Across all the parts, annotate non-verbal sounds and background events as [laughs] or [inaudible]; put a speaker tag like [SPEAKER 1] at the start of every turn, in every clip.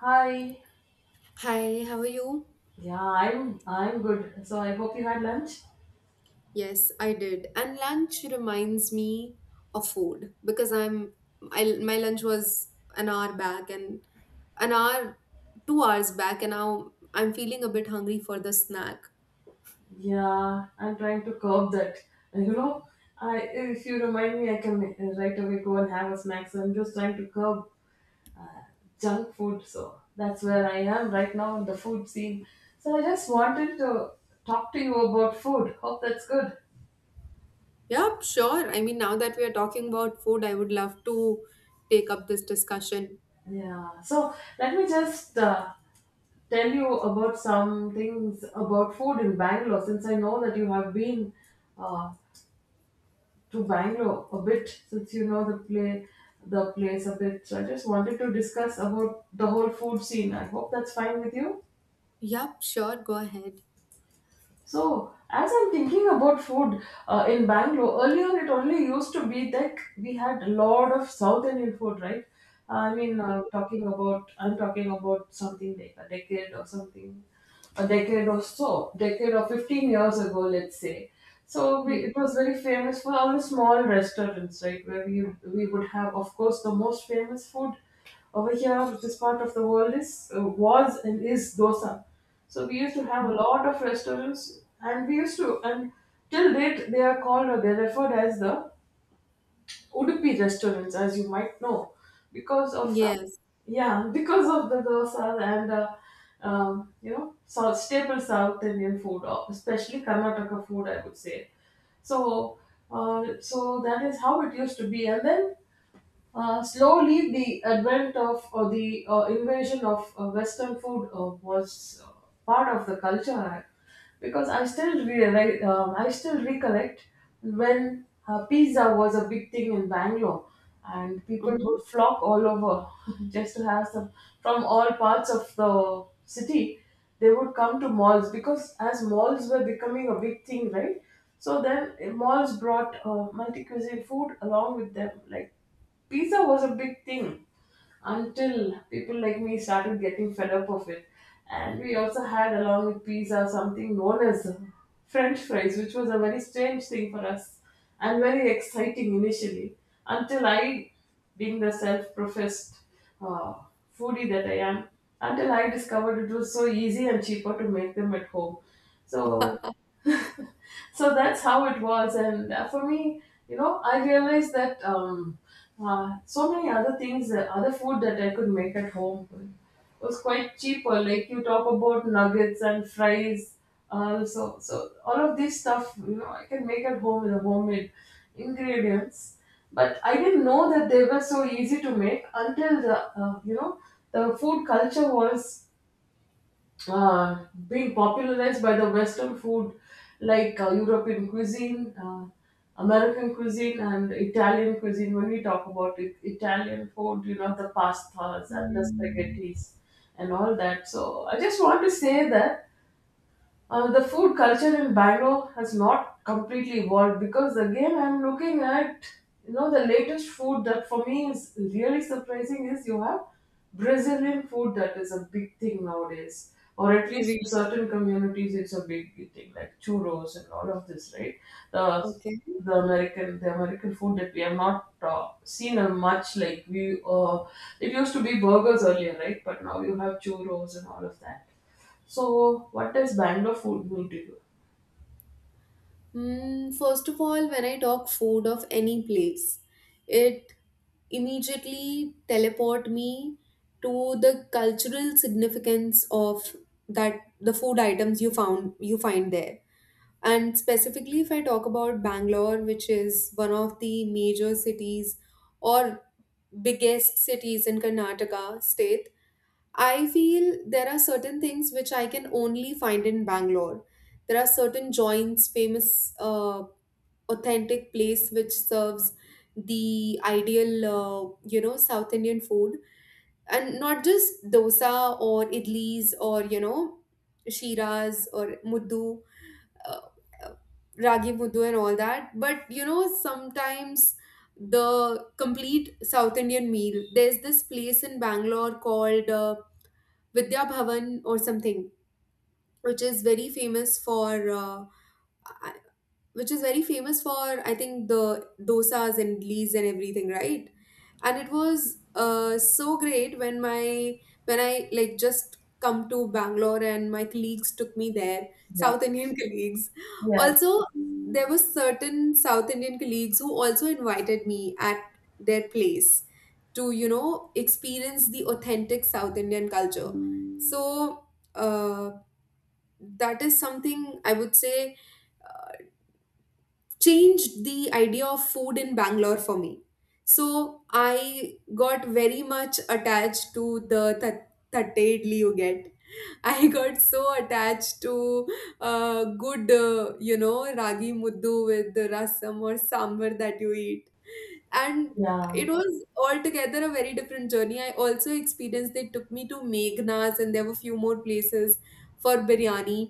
[SPEAKER 1] Hi.
[SPEAKER 2] Hi, how are you?
[SPEAKER 1] Yeah, I'm good. So I hope you had lunch.
[SPEAKER 2] Yes, I did. And lunch reminds me of food because I'm I my lunch was an hour back and an hour, 2 hours back, and now I'm feeling a bit hungry for the snack.
[SPEAKER 1] Yeah, I'm trying to curb that. [laughs] And You know, I If you remind me, I can right away go and have a snack. So I'm just trying to curb junk food. So that's where I am right now in the food scene. So I just wanted to talk to you about food. Hope that's good.
[SPEAKER 2] Yep, sure. I mean, now that we are talking about food, I would love to take up this discussion.
[SPEAKER 1] Yeah. So let me just tell you about some things about food in Bangalore, since I know that you have been uh, to Bangalore a bit since you know the place a bit. So I just wanted to discuss about the whole food scene. I hope that's fine with you.
[SPEAKER 2] Yep, sure. Go ahead.
[SPEAKER 1] So as I'm thinking about food in Bangalore, earlier it only used to be that we had a lot of South Indian food, right? I mean, talking about I'm talking about something like a decade or something, a decade or so, decade or 15 years ago, let's say. So we,
[SPEAKER 2] Mm-hmm.
[SPEAKER 1] it was very famous for our small restaurants, right, where we would have, of course, the most famous food over here. This part of the world is, was and is dosa. So we used to have a lot of restaurants, and we used to, and till date, they are called or they're referred as the Udupi restaurants, as you might know, because of the,
[SPEAKER 2] Yes.
[SPEAKER 1] yeah, because of the dosa and you know, South staple South Indian food, especially Karnataka food, I would say. So, so that is how it used to be, and then slowly, the advent of or the invasion of Western food was part of the culture. Because I still realize, I still recollect when pizza was a big thing in Bangalore, and people
[SPEAKER 2] Mm-hmm.
[SPEAKER 1] would flock all over [laughs] just to have some from all parts of the city. They would come to malls because as malls were becoming a big thing, right? So then malls brought multi cuisine food along with them, like pizza was a big thing until people like me started getting fed up of it. And we also had, along with pizza, something known as French fries, which was a very strange thing for us and very exciting initially. Until I, being the self professed uh, foodie that I am, until I discovered it was so easy and cheaper to make them at home. So [laughs] so that's how it was, and for me, you know, I realized that so many other things, other food that I could make at home, was quite cheaper. Like you talk about nuggets and fries also, so all of this stuff, you know, I can make at home with the homemade ingredients. But I didn't know that they were so easy to make until the uh, you know the food culture was being popularized by the Western food, like European cuisine, American cuisine, and Italian cuisine. When we talk about it, Italian food, you know, the pastas and the spaghettis and all that. So I just want to say that the food culture in Bangalore has not completely evolved, because again I'm looking at, you know, the latest food that for me is really surprising is you have Brazilian food. That is a big thing nowadays, or at least
[SPEAKER 2] Really?
[SPEAKER 1] in certain communities it's a big thing, like churros and all of this, right? the
[SPEAKER 2] Okay.
[SPEAKER 1] the American, the American food that we have not seen a much, like we it used to be burgers earlier, right? But now you have churros and all of that. So, what does Bangalore food mean to you?
[SPEAKER 2] Mm, first of all, when I talk food of any place, it immediately teleport me to the cultural significance of that the food items you find there. And specifically, if I talk about Bangalore, which is one of the major cities or biggest cities in Karnataka state, I feel there are certain things which I can only find in Bangalore. There are certain joints, famous authentic place which serves the ideal you know, South Indian food, and not just dosa or idlis or, you know, shiras or muddu uh, uh, ragi muddu and all that. But you know, sometimes the complete South Indian meal, there's this place in Bangalore called Vidya Bhavan or something, which is very famous for uh, I think the dosas and lees and everything, right? And it was so great when my when I like just come to Bangalore and my colleagues took me there, South Indian [laughs] colleagues.
[SPEAKER 1] Yeah,
[SPEAKER 2] Also, there were certain South Indian colleagues who also invited me at their place to, you know, experience the authentic South Indian culture. So uh, that is something I would say changed the idea of food in Bangalore for me. So I got very much attached to the thatte idli you get. [laughs] I got so attached to good, you know, ragi muddu with the rasam or sambar that you eat. And
[SPEAKER 1] yeah,
[SPEAKER 2] it was altogether a very different journey. I also experienced, they took me to Meghna's, and there were few more places for biryani.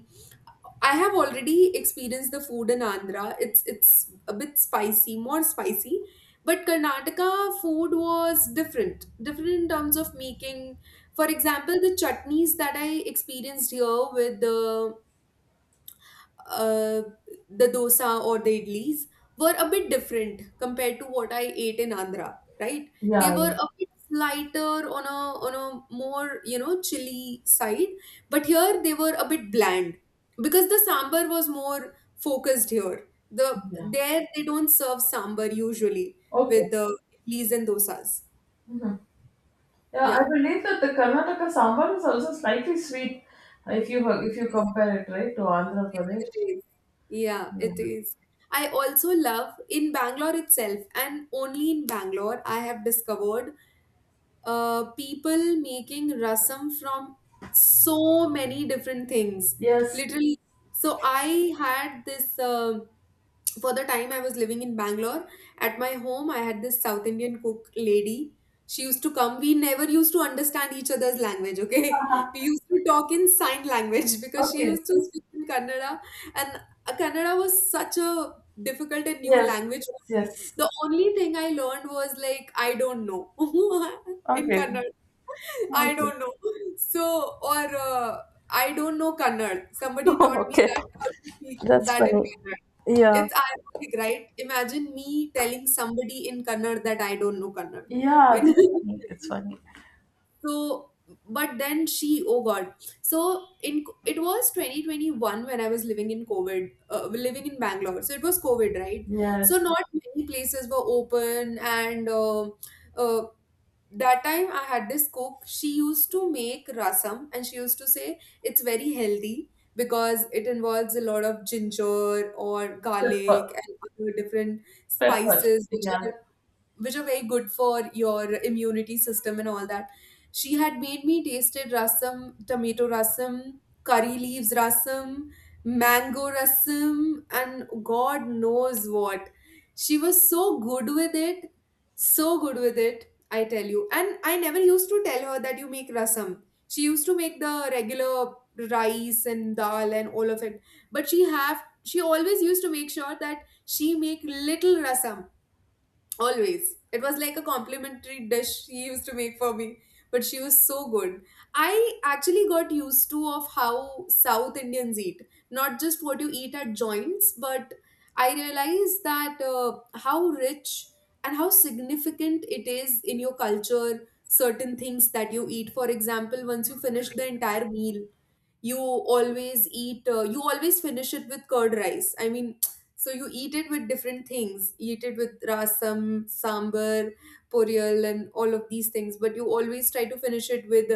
[SPEAKER 2] I have already experienced the food in Andhra. It's a bit spicy, more spicy. But Karnataka food was different, different in terms of making. For example, the chutneys that I experienced here with uh, the dosa or the idlis were a bit different compared to what I ate in Andhra, right? They
[SPEAKER 1] yeah,
[SPEAKER 2] were a bit lighter on a more, you know, chilly side, but here they were a bit bland because the sambar was more focused here. The
[SPEAKER 1] yeah. Yeah.
[SPEAKER 2] there they don't serve sambar usually
[SPEAKER 1] Okay.
[SPEAKER 2] with the idlis and dosas.
[SPEAKER 1] Mhm. Yeah, I
[SPEAKER 2] Yeah.
[SPEAKER 1] believe that the Karnataka sambar is also slightly sweet if you if you compare it, right, to Andhra
[SPEAKER 2] It
[SPEAKER 1] Pradesh.
[SPEAKER 2] is. Yeah,
[SPEAKER 1] Yeah.
[SPEAKER 2] it is. I also love, in Bangalore itself, and only in Bangalore, I have discovered people making rasam from so many different things.
[SPEAKER 1] Yes.
[SPEAKER 2] Literally. So I had this. For the time I was living in Bangalore, at my home, I had this South Indian cook lady. She used to come. We never used to understand each other's language, okay? [laughs] We used to talk in sign language [laughs] because she
[SPEAKER 1] Okay.
[SPEAKER 2] used to speak in Kannada, and Kannada was such a difficult and new
[SPEAKER 1] Yes.
[SPEAKER 2] language for me.
[SPEAKER 1] Yes.
[SPEAKER 2] The only thing I learned was like, I don't know [laughs] in
[SPEAKER 1] Okay.
[SPEAKER 2] Kannada. I
[SPEAKER 1] Okay.
[SPEAKER 2] don't know. So, or I don't know Kannada.
[SPEAKER 1] [laughs]
[SPEAKER 2] Somebody taught me
[SPEAKER 1] Okay.
[SPEAKER 2] that, how to speak
[SPEAKER 1] That's
[SPEAKER 2] that in
[SPEAKER 1] funny.
[SPEAKER 2] Kannada.
[SPEAKER 1] Yeah.
[SPEAKER 2] It's ironic, right? Imagine me telling somebody in Kannada that I don't know Kannada.
[SPEAKER 1] Yeah, it's
[SPEAKER 2] [laughs]
[SPEAKER 1] funny. It's funny.
[SPEAKER 2] So, but then she, oh God. So in it was 2021 when I was living in COVID, living in Bangalore. So it was COVID, right?
[SPEAKER 1] Yeah,
[SPEAKER 2] So not many places were open, and uh, that time I had this cook. She used to make rasam and she used to say it's very healthy because it involves a lot of ginger or
[SPEAKER 1] pepper,
[SPEAKER 2] garlic and other different
[SPEAKER 1] pepper.
[SPEAKER 2] spices which
[SPEAKER 1] Yeah.
[SPEAKER 2] are are very good for your immunity system and all that. She had made me tasted rasam, tomato rasam, curry leaves rasam, mango rasam, and God knows what. She was so good with it, so good with it, I tell you. And I never used to tell her that you make rasam. She used to make the regular rice and dal and all of it, but she always used to make sure that she make little rasam. Always. It was like a complimentary dish she used to make for me. But she was so good. I actually got used to of how South Indians eat. Not just what you eat at joints, but I realized that how rich and how significant it is in your culture, certain things that you eat. For example, once you finish the entire meal, you always eat, you always finish it with curd rice. I mean, so you eat it with different things. You eat it with rasam, sambar, poriyal, and all of these things. But you always try to finish it with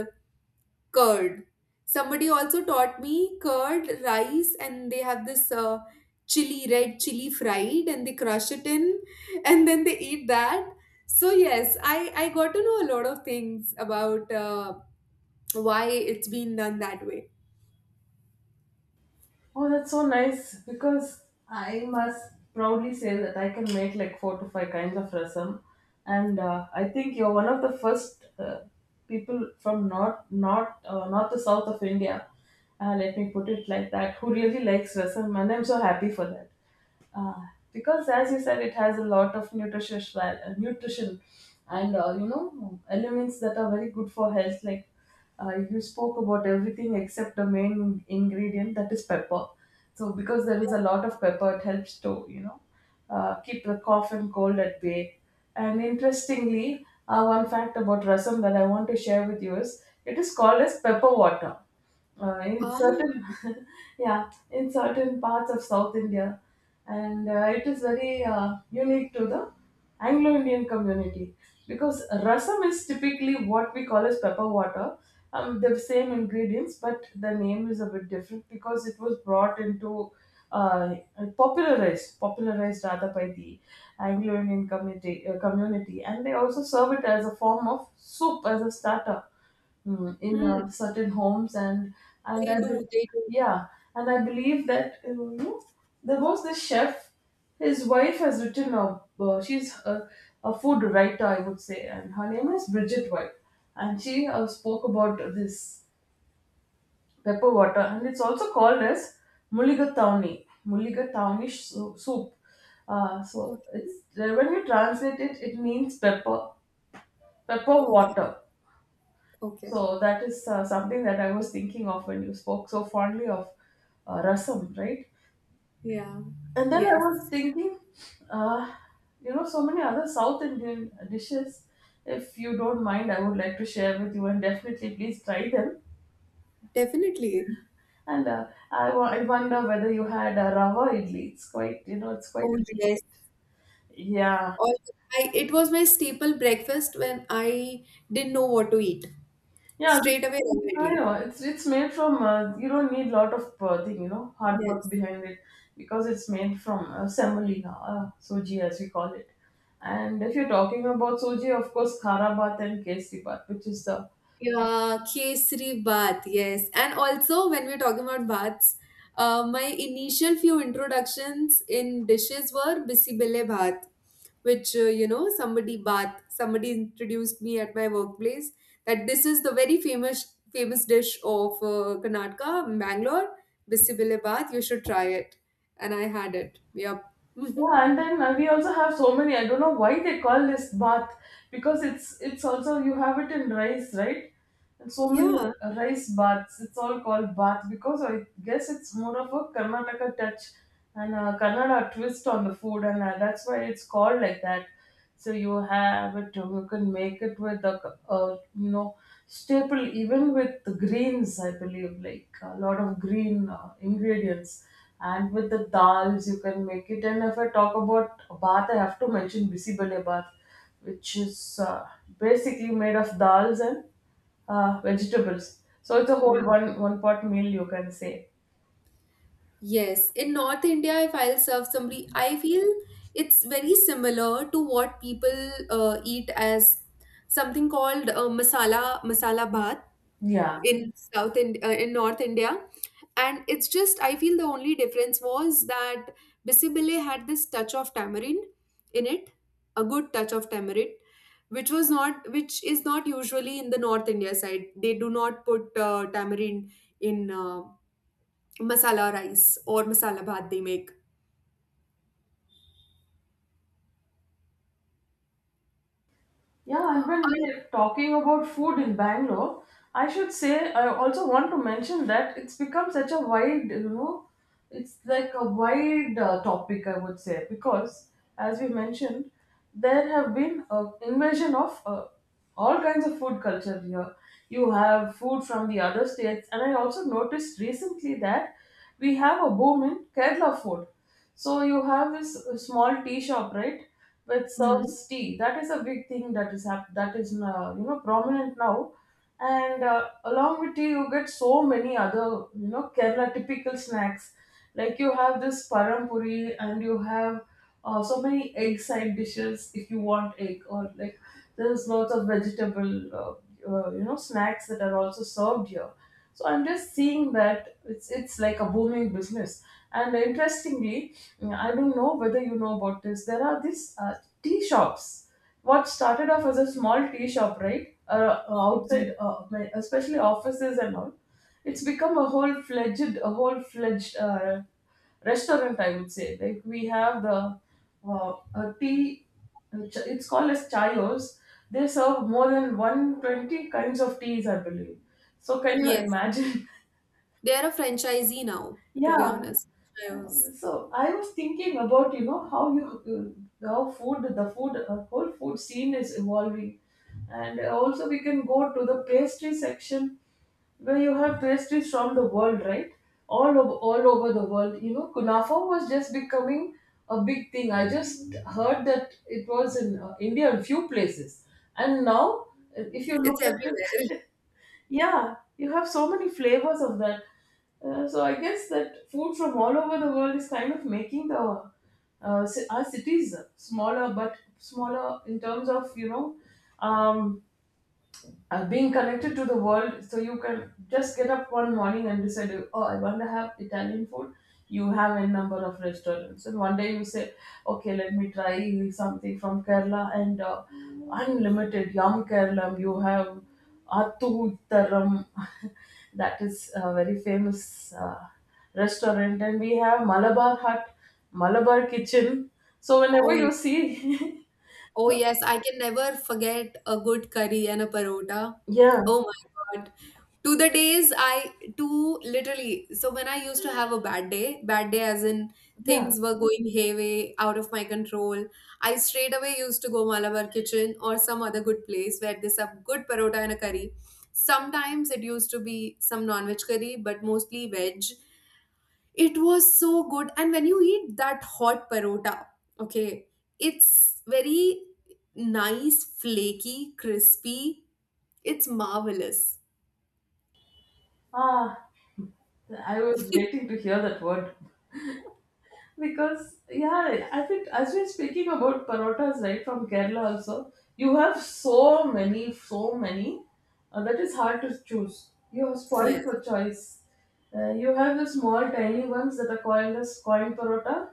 [SPEAKER 2] curd. Somebody also taught me curd, rice, and they have this chili, red chili fried, and they crush it in, [laughs] and then they eat that. So yes, I got to know a lot of things about why it's been done that way.
[SPEAKER 1] Oh, that's so nice, because I must proudly say that I can make like four to five kinds of rasam, and I think you're one of the first people from north to south of India. Let me put it like that. Who really likes rasam, and I'm so happy for that uh, because as you said, it has a lot of nutrition and, you know, elements that are very good for health. Like, you spoke about everything except the main ingredient, that is pepper. So because there is a lot of pepper, it helps to, you know, keep the cough and cold at bay. And interestingly, one fact about rasam that I want to share with you is it is called as pepper water, in
[SPEAKER 2] Ah,
[SPEAKER 1] certain [laughs] yeah, in certain parts of South India. And it is very unique to the Anglo Indian community, because rasam is typically what we call as pepper water. The same ingredients, but the name is a bit different because it was brought into, uh, popularized rather by the Anglo Indian community, and they also serve it as a form of soup, as a starter, mm, in
[SPEAKER 2] hmm,
[SPEAKER 1] certain homes. And
[SPEAKER 2] they
[SPEAKER 1] I be-
[SPEAKER 2] do, they do.
[SPEAKER 1] yeah, and I believe that, you know, there was this chef. His wife has written a, she's a food writer, I would say, and her name is Bridget White. And she spoke about this pepper water, and it's also called as Mulligatauni soup. So
[SPEAKER 2] Okay,
[SPEAKER 1] it's, when you translate it, it means pepper, pepper
[SPEAKER 2] okay,
[SPEAKER 1] water.
[SPEAKER 2] okay.
[SPEAKER 1] So that is something that I was thinking of when you spoke so fondly of rasam, right?
[SPEAKER 2] Yeah.
[SPEAKER 1] And then I
[SPEAKER 2] Yes.
[SPEAKER 1] was thinking, uh, you know, so many other South Indian dishes. If you don't mind, I would like to share with you, and definitely please try them.
[SPEAKER 2] Definitely.
[SPEAKER 1] And I wonder whether you had a rava idli. It's quite, you know, it's quite
[SPEAKER 2] Oh
[SPEAKER 1] a big.
[SPEAKER 2] yes.
[SPEAKER 1] Yeah,
[SPEAKER 2] All I, it was my staple breakfast when I didn't know what to eat.
[SPEAKER 1] yeah.
[SPEAKER 2] Straight away,
[SPEAKER 1] I
[SPEAKER 2] immediately.
[SPEAKER 1] know it's made from, you don't need lot of thing, you know, hard work
[SPEAKER 2] Yes.
[SPEAKER 1] behind it, because it's made from, semolina, soji as we call it. And if you're talking about soji, of course khara kharabat and kesi bat, which is the,
[SPEAKER 2] Yeah, Kesari Bath, yes. And also, when we're talking about baths, my initial few introductions in dishes were Bisibele Bath, which, you know, somebody introduced me at my workplace that this is the very famous dish of Karnataka, Bangalore, Bisibele Bath. You should try it. And I had it. Yep. [laughs]
[SPEAKER 1] yeah. And then we also have so many, I don't know why they call this bath, because it's also, you have it in rice, right? And so many
[SPEAKER 2] Yeah.
[SPEAKER 1] rice baths. It's all called bath because I guess it's more of a Karnataka touch and a Kannada twist on the food, and that's why it's called like that. So you have it. You can make it with a, you know, staple, even with the greens. I believe like a lot of green ingredients. And with the dals, you can make it. And if I talk about bath, I have to mention bisi bale bath, which is basically made of dals and vegetables. So it's a whole
[SPEAKER 2] Hmm.
[SPEAKER 1] one pot meal, you can say.
[SPEAKER 2] Yes, in North India, if I'll serve somebody, I feel it's very similar to what people eat as something called masala bhat
[SPEAKER 1] Yeah.
[SPEAKER 2] in North India, and it's just I feel the only difference was that bisibile had this touch of tamarind in it, a good touch of tamarind, which was not which is not usually in the North India side. They do not put tamarind in. Masala rice or masala bhat they make.
[SPEAKER 1] Yeah, and when
[SPEAKER 2] Al-
[SPEAKER 1] we're talking about food in Bangalore, I should say I also want to mention that it's become such a wide, you know, it's like a wide topic, I would say, because as we mentioned, there have been an invasion of all kinds of food culture here. You have food from the other states, and I also noticed recently that we have a boom in Kerala food. So you have this small tea shop, right, which
[SPEAKER 2] Hmm.
[SPEAKER 1] serves tea. That is a big thing that is you know, prominent now. And along with tea, you get so many other, you know, Kerala typical snacks. Like you have this parampuri, and you have so many egg side dishes if you want egg, or like there's lots of vegetable you know, snacks that are also served here. So I'm just seeing that it's like a booming business. And interestingly, yeah, I don't know whether you know about this. There are these tea shops. What started off as a small tea shop, right? Outside especially offices and all, it's become a whole fledged restaurant, I would say. Like we have the uh, a tea. It's called as chayos. They serve more than 120 kinds of teas, I believe. So can you
[SPEAKER 2] Yes,
[SPEAKER 1] imagine? [laughs]
[SPEAKER 2] they are a franchisee now, to be
[SPEAKER 1] Yeah,
[SPEAKER 2] honest. I was-
[SPEAKER 1] so I was thinking about, you know, how you, how food, the food, whole food scene is evolving. And also we can go to the pastry section, where you have pastries from the world, right? All over, all over the world. You know, kunafa was just becoming a big thing. I just heard that it was in India in few places, and now if you
[SPEAKER 2] It's
[SPEAKER 1] look at
[SPEAKER 2] everywhere.
[SPEAKER 1] it. [laughs] Yeah, you have so many flavors of that. So I guess that food from all over the world is kind of making the our cities smaller, but smaller in terms of um, being connected to the world, so you can just get up one morning and decide, oh, I want to have Italian food. You have a number of restaurants, and one day you say, okay, let me try something from Kerala. And Unlimited Yum Kerala, you have Attu Taram. [laughs] That is a very famous uh, restaurant, and we have Malabar Hut, Malabar Kitchen. So whenever
[SPEAKER 2] Oh, yeah.
[SPEAKER 1] you see [laughs]
[SPEAKER 2] Oh, yes, I can never forget a good curry and a parota.
[SPEAKER 1] yeah,
[SPEAKER 2] Oh my God. To the days I to literally so When I used to have a bad day as in
[SPEAKER 1] yeah,
[SPEAKER 2] things were going hayway, out of my control, I straight away used to go Malabar Kitchen or some other good place where they serve good parota and a curry. Sometimes it used to be some non-veg curry, but mostly veg. It was so good, and when you eat that hot parota, okay, it's very nice, flaky, crispy. It's marvelous.
[SPEAKER 1] ah, I was waiting to hear that word, because yeah, I think as we're speaking about parotas right from Kerala also, you have so many, so many that is hard to choose. You are spoiled
[SPEAKER 2] Yes.
[SPEAKER 1] for choice. You have the small, tiny ones that are called as coin parota.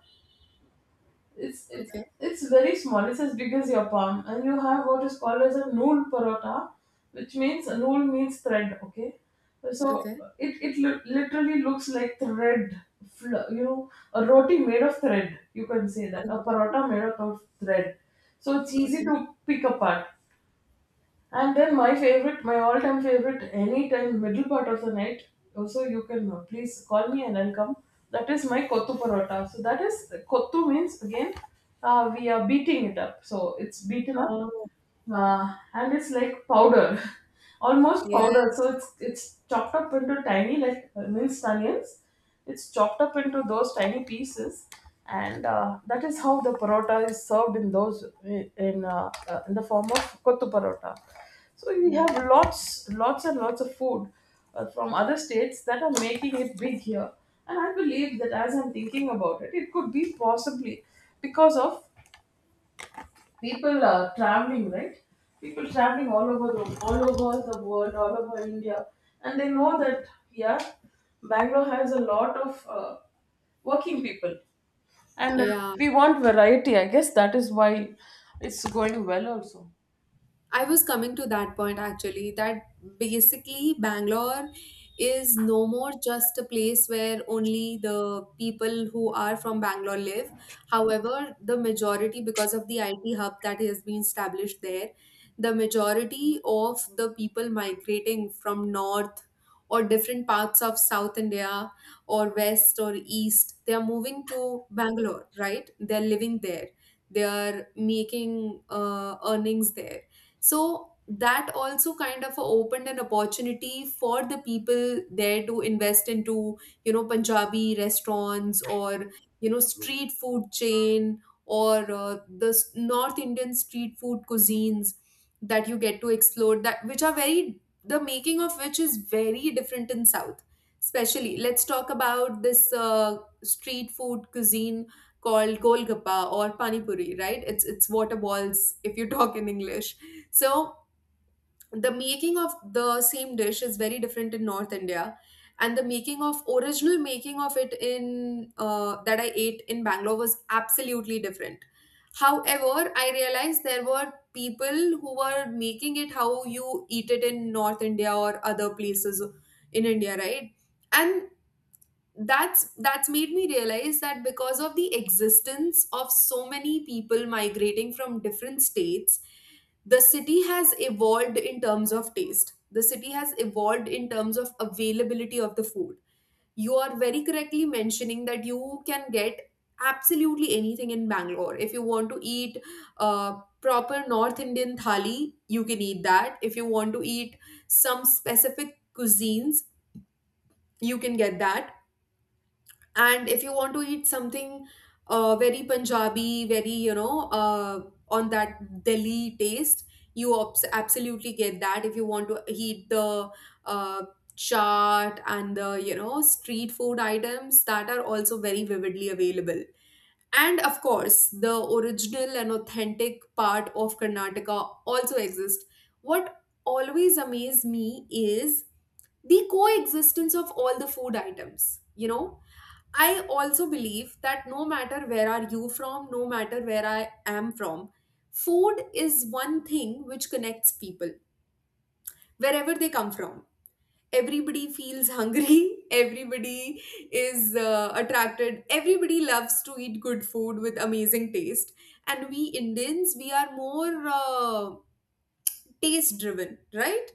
[SPEAKER 1] It's
[SPEAKER 2] Okay.
[SPEAKER 1] it's very small. It's as big as your palm, and you have what is called as a nool parota, which means a nool means thread. Okay, so
[SPEAKER 2] Okay.
[SPEAKER 1] literally looks like thread. A roti made of thread. You can say that,
[SPEAKER 2] Okay.
[SPEAKER 1] a parota made out of thread. So it's easy
[SPEAKER 2] Okay.
[SPEAKER 1] to pick apart. And then my favorite, my all-time favorite, anytime middle part of the night. Also, you can please call me and I'll come. That is my kottu parota. So that is, kottu means again, we are beating it up. So it's beaten up.
[SPEAKER 2] Oh,
[SPEAKER 1] And it's like powder, [laughs] almost
[SPEAKER 2] yeah.
[SPEAKER 1] powder. So it's chopped up into tiny, like minced onions. It's chopped up into those tiny pieces, and that is how the parotta is served in those, in the form of kottu parotta. So we have
[SPEAKER 2] Mm.
[SPEAKER 1] lots, lots and lots of food from other states that are making it big here. And I believe that, as I'm thinking about it, it could be possibly because of people are traveling, right? People traveling all over the, all over the world, all over India, and they know that, yeah, Bangalore has a lot of working people, and
[SPEAKER 2] Yeah.
[SPEAKER 1] we want variety. I guess that is why it's going well also.
[SPEAKER 2] I was coming to that point actually, that basically Bangalore is no more just a place where only the people who are from Bangalore live. However, the majority, because of the IT hub that has been established there, the majority of the people migrating from north or different parts of South India or west or east, they are moving to Bangalore, right? They're living there. They are making earnings there, so that also kind of opened an opportunity for the people there to invest into, you know, Punjabi restaurants or, you know, street food chain, or north Indian street food cuisines that you get to explore, that which are very the making of which is very different in south. Especially, let's talk about this street food cuisine called golgappa or pani puri, right? It's water balls if you talk in English. So the making of the same dish is very different in North India, and the making of original making of it in that I ate in Bangalore was absolutely different. However, I realized there were people who were making it how you eat it in North India or other places in India, right? And that's made me realize that because of the existence of so many people migrating from different states, the city has evolved in terms of taste, the city has evolved in terms of availability of the food. You are very correctly mentioning that you can get absolutely anything in Bangalore. If you want to eat proper North Indian thali, you can eat that. If you want to eat some specific cuisines, you can get that. And if you want to eat something very Punjabi, very, you know, on that Delhi taste, you absolutely get that. If you want to eat the uh, chaat and the, you know, street food items, that are also very vividly available. And of course, the original and authentic part of Karnataka also exists. What always amazes me is the coexistence of all the food items, you know. I also believe that no matter where are you from, no matter where I am from, food is one thing which connects people wherever they come from. Everybody feels hungry. [laughs] Everybody is attracted. Everybody loves to eat good food with amazing taste. And we Indians, we are more. Taste driven, right?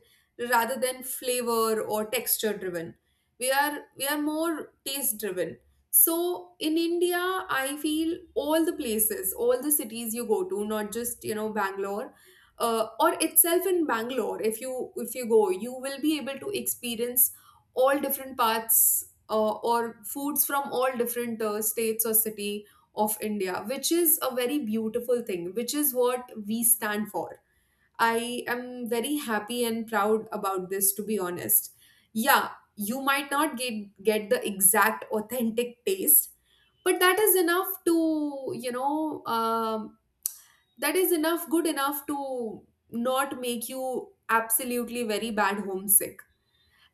[SPEAKER 2] Rather than flavor or texture driven. We are more taste driven. So in India, I feel all the places, all the cities you go to, not just you know Bangalore, or itself in Bangalore. If you go, you will be able to experience all different parts or foods from all different states or city of India, which is a very beautiful thing, which is what we stand for. I am very happy and proud about this, to be honest. Yeah, you might not get the exact authentic taste, but that is enough to you know that is enough good enough to not make you absolutely very bad homesick.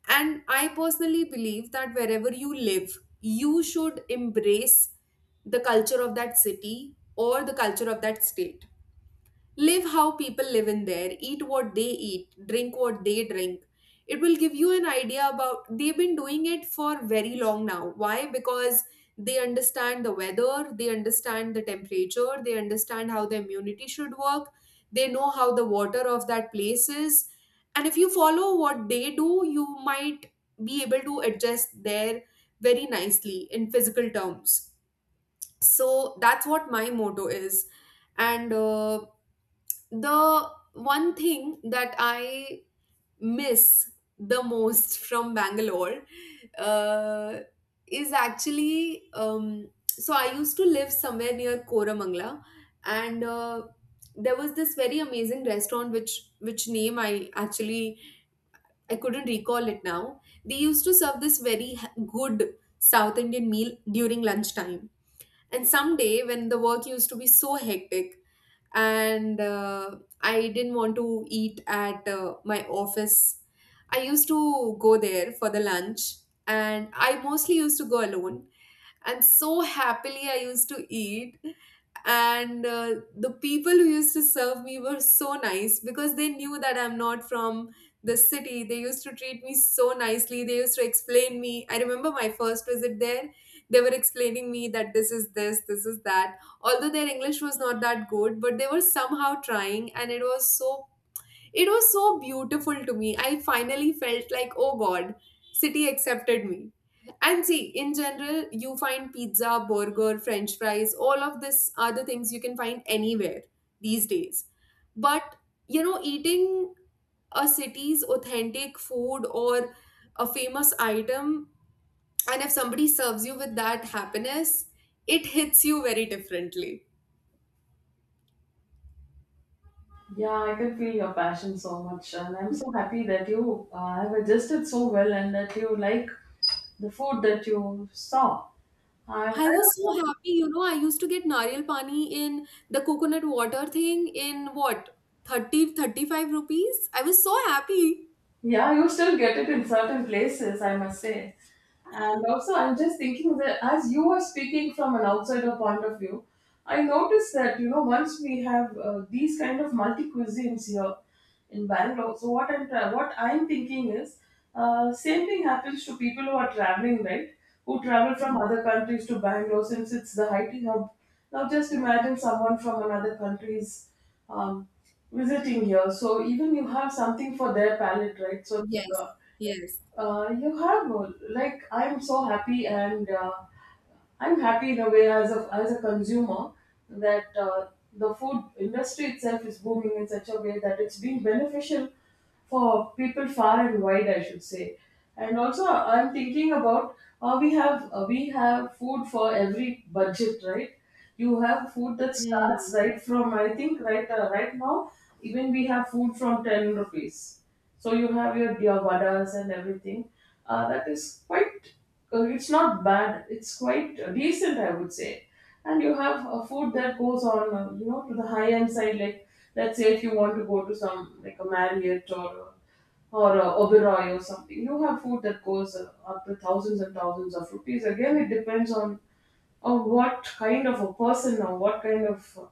[SPEAKER 2] And I personally believe that wherever you live, you should embrace the culture of that city or the culture of that state. Live how people live in there, eat what they eat, drink what they drink. It will give you an idea about they've been doing it for very long now. Why? Because they understand the weather, they understand the temperature, they understand how the immunity should work, they know how the water of that place is. And if you follow what they do, you might be able to adjust there very nicely in physical terms. So that's what my motto is. And the one thing that I miss the most from Bangalore uh, is actually so I used to live somewhere near Koramangala, and there was this very amazing restaurant which name I actually I couldn't recall it now. They used to serve this very good South Indian meal during lunchtime. And someday when the work used to be so hectic, and I didn't want to eat at my office. I used to go there for the lunch, and I mostly used to go alone and so happily I used to eat. And the people who used to serve me were so nice because they knew that I'm not from the city. They used to treat me so nicely. They used to explain me. I remember my first visit there, they were explaining me that this is this, this is that. Although their English was not that good, but they were somehow trying, and it was so beautiful to me. I finally felt like, oh God, city accepted me. And see, in general, you find pizza, burger, french fries, all of this are the things you can find anywhere these days. But, you know, eating a city's authentic food or a famous item, and if somebody serves you with that happiness, it hits you very differently.
[SPEAKER 1] Yeah, I can feel your passion so much, and I'm so happy that you have adjusted so well and that you like the food that you saw. And
[SPEAKER 2] I
[SPEAKER 1] I
[SPEAKER 2] was so
[SPEAKER 1] also,
[SPEAKER 2] happy, you know. I used to get nariyal pani in the coconut water thing in what 30-35 rupees. I was so happy.
[SPEAKER 1] yeah, you still get it in certain places, I must say. And also, I'm just thinking that, as you are speaking from an outsider point of view, I noticed that, you know, once we have these kind of multi cuisines here in Bangalore, so what I'm thinking is, same thing happens to people who are traveling, right? Who travel from
[SPEAKER 2] Hmm.
[SPEAKER 1] other countries to Bangalore since it's the IT hub. Now, just imagine someone from another country's um, visiting here. So even you have something for their palate, right? So uh,
[SPEAKER 2] Yes, yes.
[SPEAKER 1] you have like I'm so happy and I'm happy in a way, as a consumer, that the food industry itself is booming in such a way that it's being beneficial for people far and wide, I should say. And also, I'm thinking about we have food for every budget, right? You have food that starts
[SPEAKER 2] Hmm.
[SPEAKER 1] right from, I think, right right now, even we have food from 10 rupees, so you have your vadas and everything, that is quite it's not bad, it's quite decent, I would say. And you have a food that goes on, you know, to the high end side, like, let's say if you want to go to some like a Marriott or Oberoi or something, you have food that goes up to thousands and thousands of rupees. Again, it depends on what kind of a person, or what kind of uh,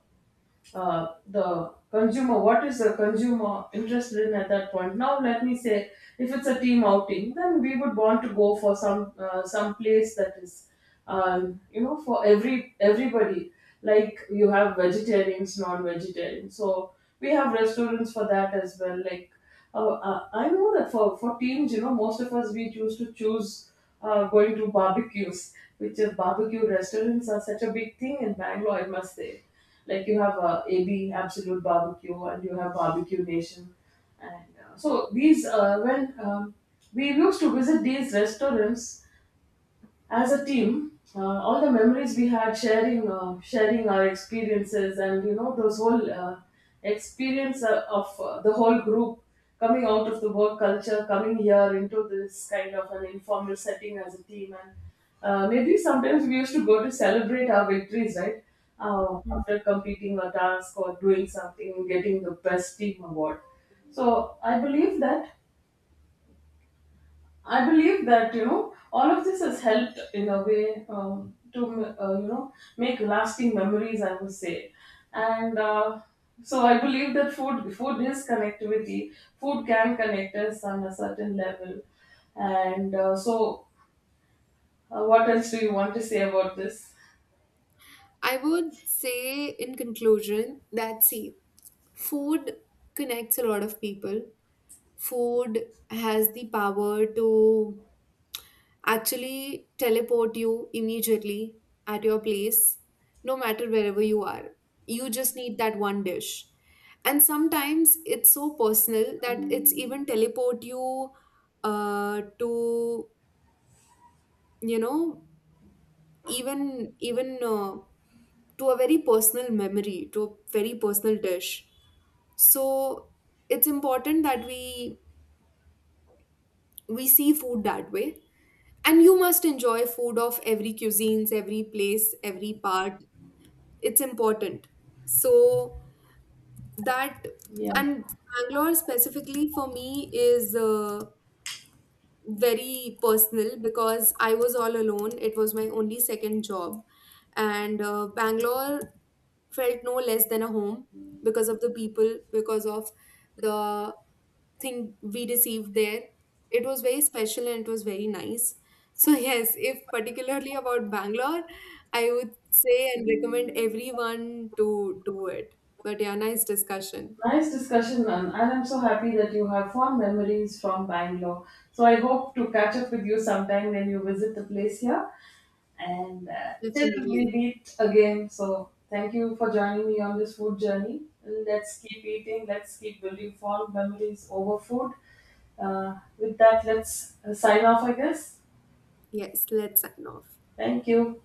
[SPEAKER 1] uh, the consumer, what is the consumer interested in at that point? Now, let me say, if it's a team outing, then we would want to go for some place that is you know, for every everybody. Like you have vegetarians, non-vegetarians, so we have restaurants for that as well. Like I know that, for teens, you know, most of us we choose going to barbecues, which is barbecue restaurants are such a big thing in Bangalore, I must say. Like you have AB Absolute Barbecue and you have Barbecue Nation, and so these when we used to visit these restaurants as a team, all the memories we had, sharing, sharing our experiences, and you know those whole experience of the whole group coming out of the work culture, coming here into this kind of an informal setting as a team. And maybe sometimes we used to go to celebrate our victories, right?
[SPEAKER 2] Hmm.
[SPEAKER 1] After completing a task or doing something, getting the best team award. So I believe that, you know, all of this has helped in a way, to you know, make lasting memories, I would say. And So I believe that food is connectivity. Food can connect us on a certain level, and what else do you want to say about this?
[SPEAKER 2] I would say, in conclusion, that see, food connects a lot of people. Food has the power to actually teleport you immediately at your place, no matter wherever you are. You just need that one dish. And sometimes it's so personal that it's even teleport you to, you know, even to a very personal memory, to a very personal dish. So it's important that we see food that way, and you must enjoy food of every cuisines, every place, every part. It's important. So that,
[SPEAKER 1] Yeah.
[SPEAKER 2] and Bangalore specifically for me is very personal because I was all alone. It was my only second job, and Bangalore felt no less than a home because of the people, because of the thing we received there. It was very special and it was very nice. So, [laughs] yes, if particularly about Bangalore, I would say and recommend everyone to do it. But yeah, nice discussion.
[SPEAKER 1] Nice discussion, Nan. And I'm so happy that you have fond memories from Bangalore. So I hope to catch up with you sometime when you visit the place here. And till we
[SPEAKER 2] Definitely.
[SPEAKER 1] meet again. So thank you for joining me on this food journey. Let's keep eating. Let's keep building fond memories over food. With that, let's sign off, I guess.
[SPEAKER 2] Yes, let's sign off.
[SPEAKER 1] Thank you.